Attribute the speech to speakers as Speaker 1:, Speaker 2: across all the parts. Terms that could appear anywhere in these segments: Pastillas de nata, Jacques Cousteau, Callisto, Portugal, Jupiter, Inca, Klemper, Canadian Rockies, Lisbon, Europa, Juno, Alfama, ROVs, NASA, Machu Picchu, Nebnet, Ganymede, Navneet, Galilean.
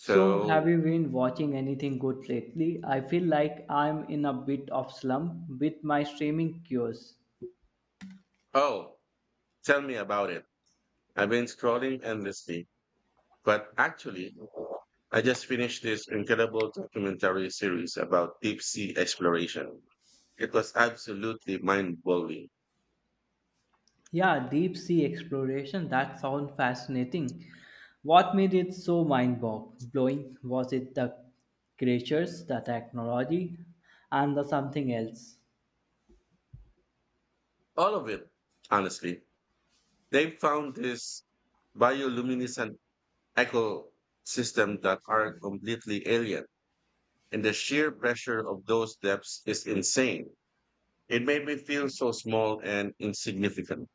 Speaker 1: So, have you been watching anything good lately? I feel like I'm in a bit of slump with my streaming cures.
Speaker 2: oh, tell me about it. I've been scrolling endlessly, but actually, I just finished this incredible documentary series about deep sea exploration. It was absolutely mind blowing.
Speaker 1: Yeah, deep sea exploration, that sounds fascinating. What made it so mind blowing? Was it the creatures, the technology, and the something else?
Speaker 2: All of it, honestly. They found this bioluminescent ecosystem that are completely alien, and the sheer pressure of those depths is insane. It made me feel so small and insignificant.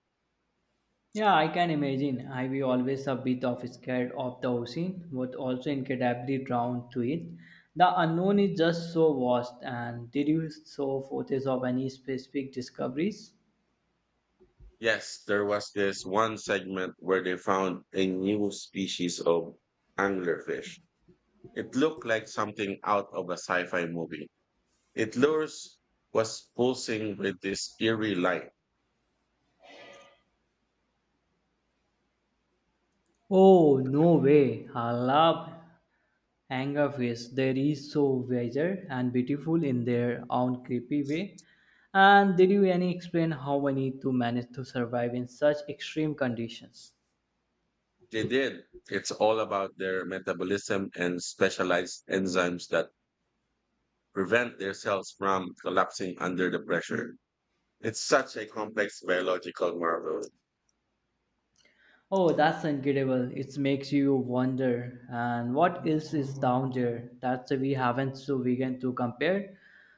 Speaker 1: Yeah, I can imagine. I was always a bit of scared of the ocean, but also incredibly drawn to it. The unknown is just so vast. And did you saw photos of any specific discoveries?
Speaker 2: Yes, there was this one segment where they found a new species of anglerfish. It looked like something out of a sci-fi movie. Its lures was pulsing with this eerie light.
Speaker 1: Oh no way! I love anglerfish. They are so wiser and beautiful in their own creepy way. And did you any explain how many to manage to survive in such extreme conditions?
Speaker 2: They did. It's all about their metabolism and specialized enzymes that prevent their cells from collapsing under the pressure. It's such a complex biological marvel.
Speaker 1: Oh, that's incredible. It makes you wonder. And what else is down there that we haven't so vegan to compare?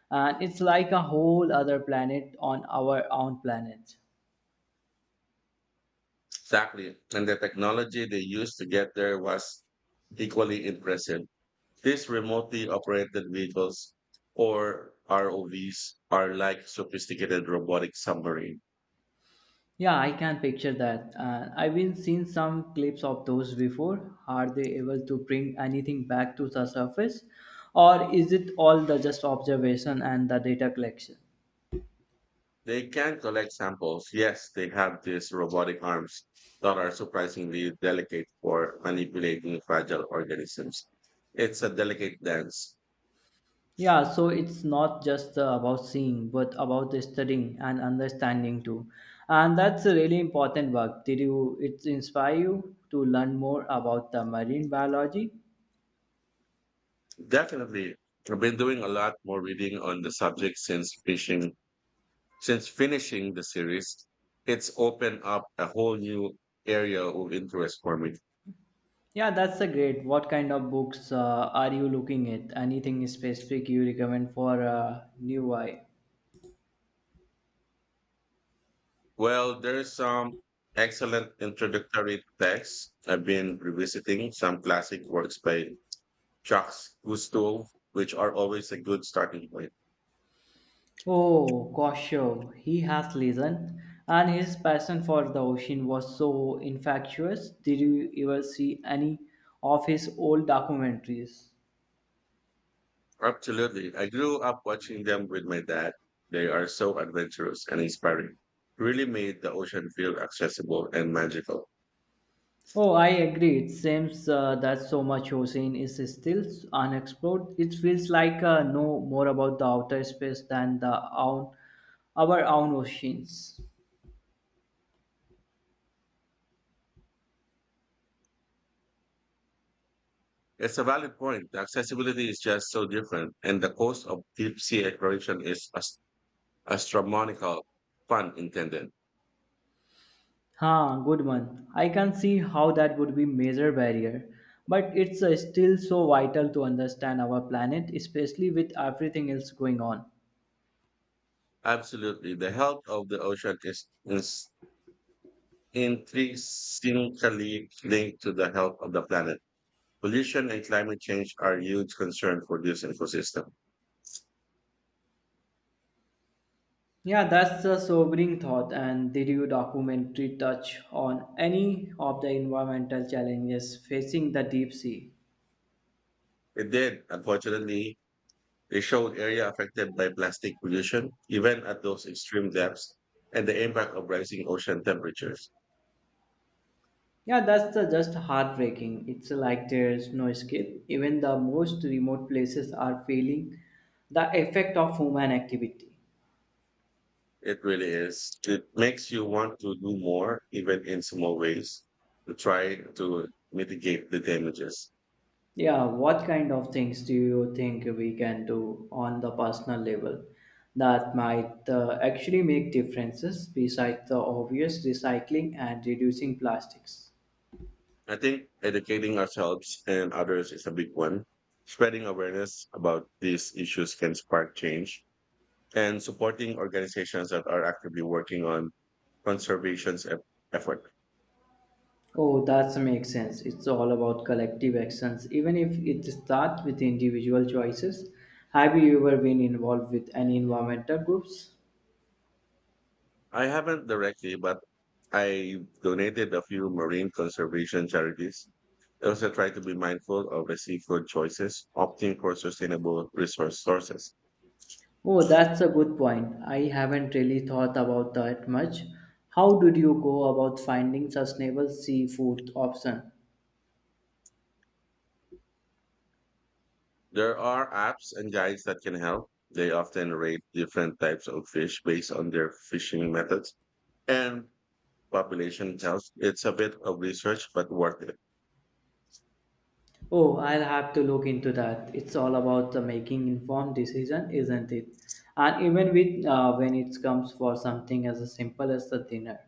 Speaker 1: And it's like a whole other planet on our own planet.
Speaker 2: Exactly. And the technology they used to get there was equally impressive. These remotely operated vehicles or ROVs are like sophisticated robotic submarine.
Speaker 1: Yeah, I can picture that. And I've been seeing some clips of those before. Are they able to bring anything back to the surface? Or is it all the just observation and the data collection?
Speaker 2: They can collect samples. Yes, they have these robotic arms that are surprisingly delicate for manipulating fragile organisms. It's a delicate dance.
Speaker 1: Yeah, so it's not just about seeing, but about the studying and understanding too. And that's a really important work. Did you it inspire you to learn more about the marine biology?
Speaker 2: Definitely. I've been doing a lot more reading on the subject since finishing the series. It's opened up a whole new area of interest for me.
Speaker 1: Yeah, that's a great. What kind of books are you looking at? Anything specific you recommend for new eye?
Speaker 2: Well, there's some excellent introductory texts. I've been revisiting some classic works by Jacques Cousteau, which are always a good starting point.
Speaker 1: Oh, Kosho, he has listened, and his passion for the ocean was so infectious. Did you ever see any of his old documentaries?
Speaker 2: Absolutely. I grew up watching them with my dad. They are so adventurous and inspiring. Really made the ocean feel accessible and magical.
Speaker 1: Oh, I agree. It seems that so much ocean is still unexplored. It feels like know more about the outer space than the own, our own oceans.
Speaker 2: It's a valid point. The accessibility is just so different, and the cost of deep sea exploration is astronomical, pun intended.
Speaker 1: Huh, good one. I can see how that would be major barrier, but it's still so vital to understand our planet, especially with everything else going on.
Speaker 2: Absolutely. The health of the ocean is intrinsically linked to the health of the planet. Pollution and climate change are huge concerns for this ecosystem.
Speaker 1: Yeah, that's a sobering thought. And did your documentary touch on any of the environmental challenges facing the deep sea?
Speaker 2: It did, unfortunately. They showed area affected by plastic pollution, even at those extreme depths, and the impact of rising ocean temperatures.
Speaker 1: Yeah, that's the just heartbreaking. It's like there's no escape. Even the most remote places are feeling the effect of human activity.
Speaker 2: It really is. It makes you want to do more, even in small ways, to try to mitigate the damages.
Speaker 1: Yeah, what kind of things do you think we can do on the personal level that might actually make differences besides the obvious recycling and reducing plastics?
Speaker 2: I think educating ourselves and others is a big one. Spreading awareness about these issues can spark change, and supporting organizations that are actively working on conservation's effort.
Speaker 1: Oh, that makes sense. It's all about collective actions, even if it starts with individual choices. Have you ever been involved with any environmental groups?
Speaker 2: I haven't directly, but I donated a few marine conservation charities. I also try to be mindful of the seafood choices, opting for sustainable resource sources.
Speaker 1: Oh, that's a good point. I haven't really thought about that much. How did you go about finding sustainable seafood option?
Speaker 2: There are apps and guides that can help. They often rate different types of fish based on their fishing methods and population health. It's a bit of research, but worth it.
Speaker 1: Oh, I'll have to look into that. It's all about the making informed decision, isn't it? And even with when it comes for something as simple as the dinner.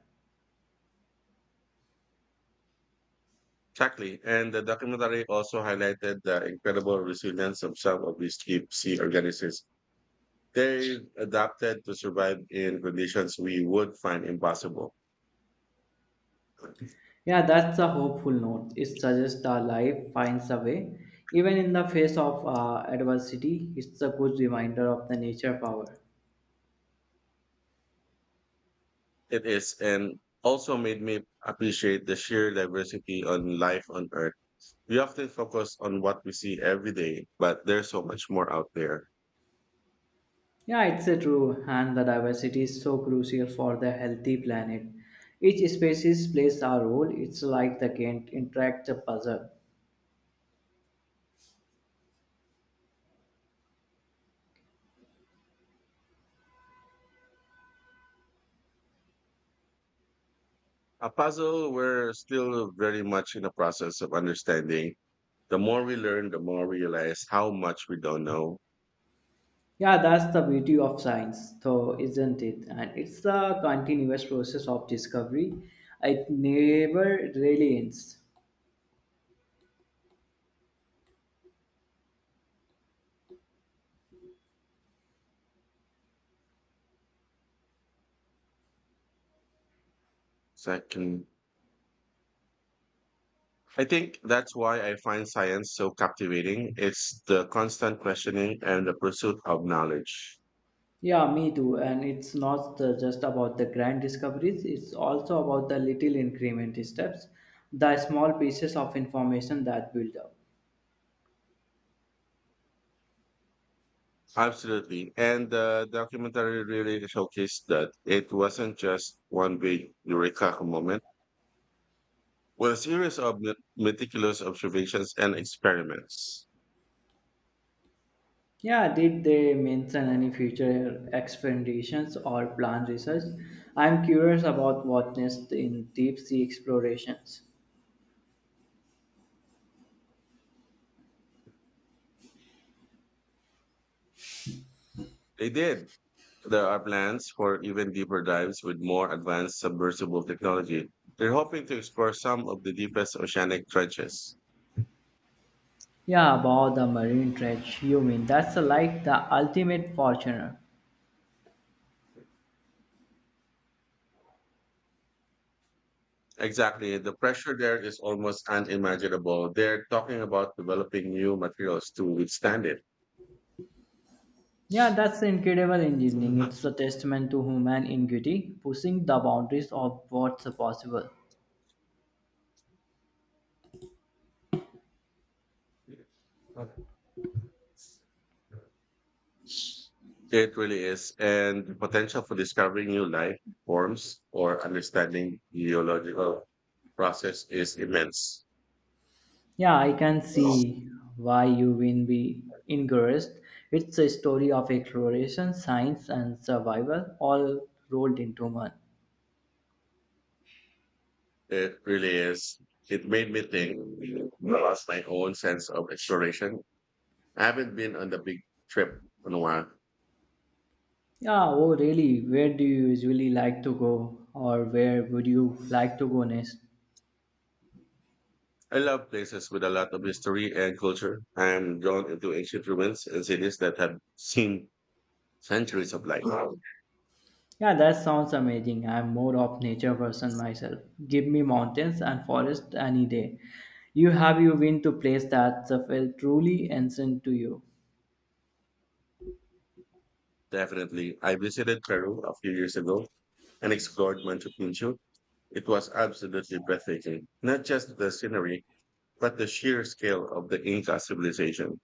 Speaker 2: Exactly. And the documentary also highlighted the incredible resilience of some of these deep sea organisms. They've adapted to survive in conditions we would find impossible.
Speaker 1: Yeah, that's a hopeful note. It suggests that life finds a way. Even in the face of adversity, it's a good reminder of the nature power.
Speaker 2: It is, and also made me appreciate the sheer diversity on life on Earth. We often focus on what we see every day, but there's so much more out there.
Speaker 1: Yeah, it's a true, and the diversity is so crucial for the healthy planet. Each species plays a role. It's like the Gantt interactive puzzle.
Speaker 2: A puzzle we're still very much in the process of understanding. The more we learn, the more we realize how much we don't know.
Speaker 1: Yeah, that's the beauty of science, though, isn't it? And it's the continuous process of discovery. It never really ends.
Speaker 2: Second. I think that's why I find science so captivating. It's the constant questioning and the pursuit of knowledge.
Speaker 1: Yeah, me too. And it's not just about the grand discoveries, it's also about the little increment steps, the small pieces of information that build up.
Speaker 2: Absolutely. And the documentary really showcased that it wasn't just one big eureka moment, but a series of meticulous observations and experiments.
Speaker 1: Yeah, did they mention any future expeditions or planned research? I'm curious about what next in deep sea explorations.
Speaker 2: They did. There are plans for even deeper dives with more advanced submersible technology. They're hoping to explore some of the deepest oceanic trenches.
Speaker 1: Yeah, about the marine treasure. You mean that's like the ultimate fortune.
Speaker 2: Exactly. The pressure there is almost unimaginable. They're talking about developing new materials to withstand it.
Speaker 1: Yeah, that's incredible engineering.
Speaker 2: Mhm.
Speaker 1: It's a testament to human ingenuity, pushing the boundaries of what's possible.
Speaker 2: It really is. And the potential for discovering new life forms or understanding geological process is immense.
Speaker 1: Yeah, I can see why you will be encouraged. It's a story of exploration, science, and survival, all rolled into one.
Speaker 2: It really is. It made me think about my own sense of exploration. I haven't been on the big trip in a while.
Speaker 1: Yeah, oh, really? Where do you usually like to go, or where would you like to go next?
Speaker 2: I love places with a lot of history and culture. I am drawn into ancient ruins and cities that have seen centuries of light.
Speaker 1: Yeah, that sounds amazing. I'm more of nature person myself. Give me mountains and forest any day. You have you been to place that felt truly ancient to you.
Speaker 2: Definitely. I visited Peru a few years ago and explored Machu Picchu. It was absolutely breathtaking, not just the scenery, but the sheer scale of the Inca civilization.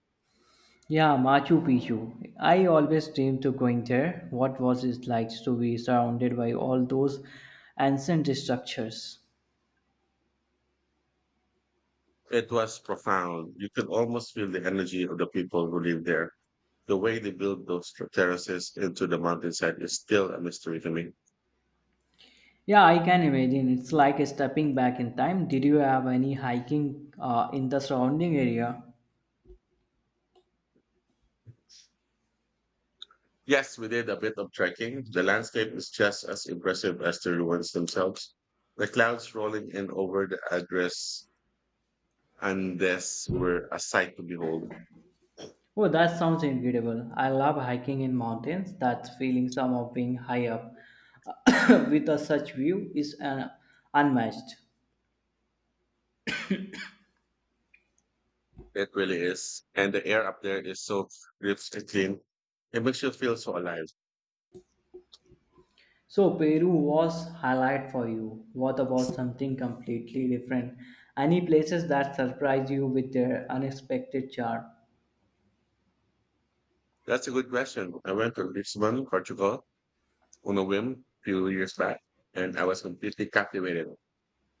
Speaker 1: Yeah, Machu Picchu. I always dreamed to going there. What was it like to be surrounded by all those ancient structures?
Speaker 2: It was profound. You could almost feel the energy of the people who live there. The way they built those terraces into the mountainside is still a mystery to me.
Speaker 1: Yeah, I can imagine. It's like stepping back in time. Did you have any hiking in the surrounding area?
Speaker 2: Yes, we did a bit of trekking. The landscape is just as impressive as the ruins themselves. The clouds rolling in over the Agres Andes were a sight to behold.
Speaker 1: Oh, that sounds incredible. I love hiking in mountains. That feeling some of being high up with a such view is unmatched.
Speaker 2: It really is. And the air up there is so crisp and clean. It makes you feel so alive.
Speaker 1: So Peru was highlight for you. What about something completely different? Any places that surprise you with their unexpected charm?
Speaker 2: That's a good question. I went to Lisbon, Portugal, on a whim few years back, and I was completely captivated.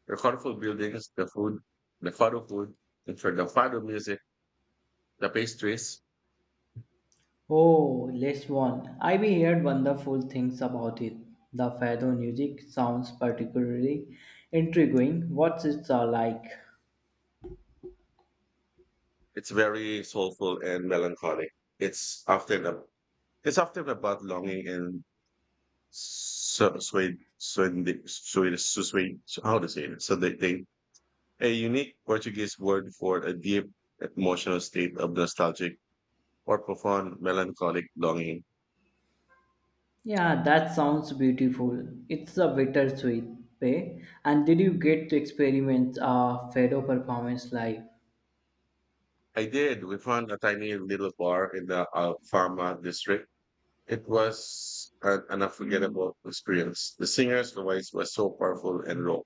Speaker 2: The colorful buildings, the food, the fado food, and for the fado music, the pastries,
Speaker 1: Oh, last one. I've heard wonderful things about it. The fado music sounds particularly intriguing. What's it like?
Speaker 2: it's very soulful and melancholic. It's often a, it's often about longing and so sway sway sway sway how to say it. So they a unique Portuguese word for a deep emotional state of nostalgic or profound melancholic longing.
Speaker 1: Yeah, that sounds beautiful. It's a bittersweet way. And did you get to experience a Fedo performance live?
Speaker 2: I did. We found a tiny little bar in the Alfama district. It was an unforgettable experience. The singer's voice was so powerful and raw.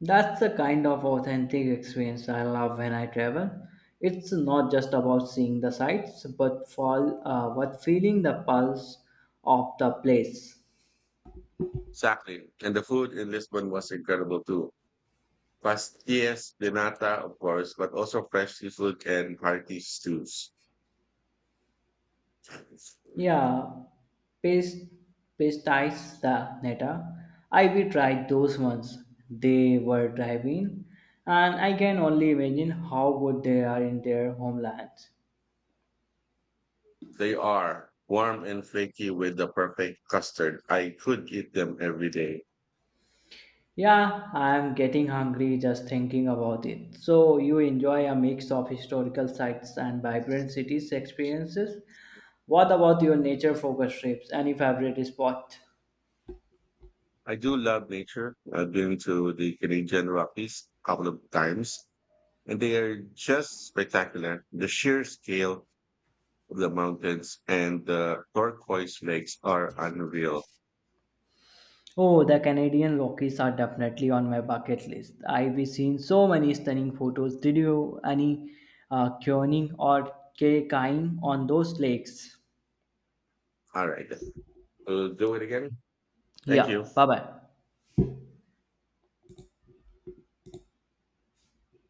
Speaker 1: That's the kind of authentic experience I love when I travel. It's not just about seeing the sights, but for what feeling the pulse of the place.
Speaker 2: Exactly. And the food in Lisbon was incredible too. Pastillas de nata, of course, but also fresh seafood and hearty stews.
Speaker 1: Yeah, paste pastize the neta. I will try those ones. They were driving, and I can only imagine how good they are in their homelands.
Speaker 2: They are warm and flaky with the perfect custard. I could eat them every day.
Speaker 1: Yeah, I am getting hungry just thinking about it. So you enjoy a mix of historical sites and vibrant cities experiences. What about your nature focused trips? Any favorite spot?
Speaker 2: I do love nature. I've been to the Canadian Rockies a couple of times, and they are just spectacular. The sheer scale of the mountains and the turquoise lakes are unreal.
Speaker 1: Oh, the Canadian Rockies are definitely on my bucket list. I've seen so many stunning photos. Did you any canoeing or kayaking on those lakes?
Speaker 2: All right. We'll do it again. Thank
Speaker 1: Yeah,
Speaker 2: you.
Speaker 1: bye bye.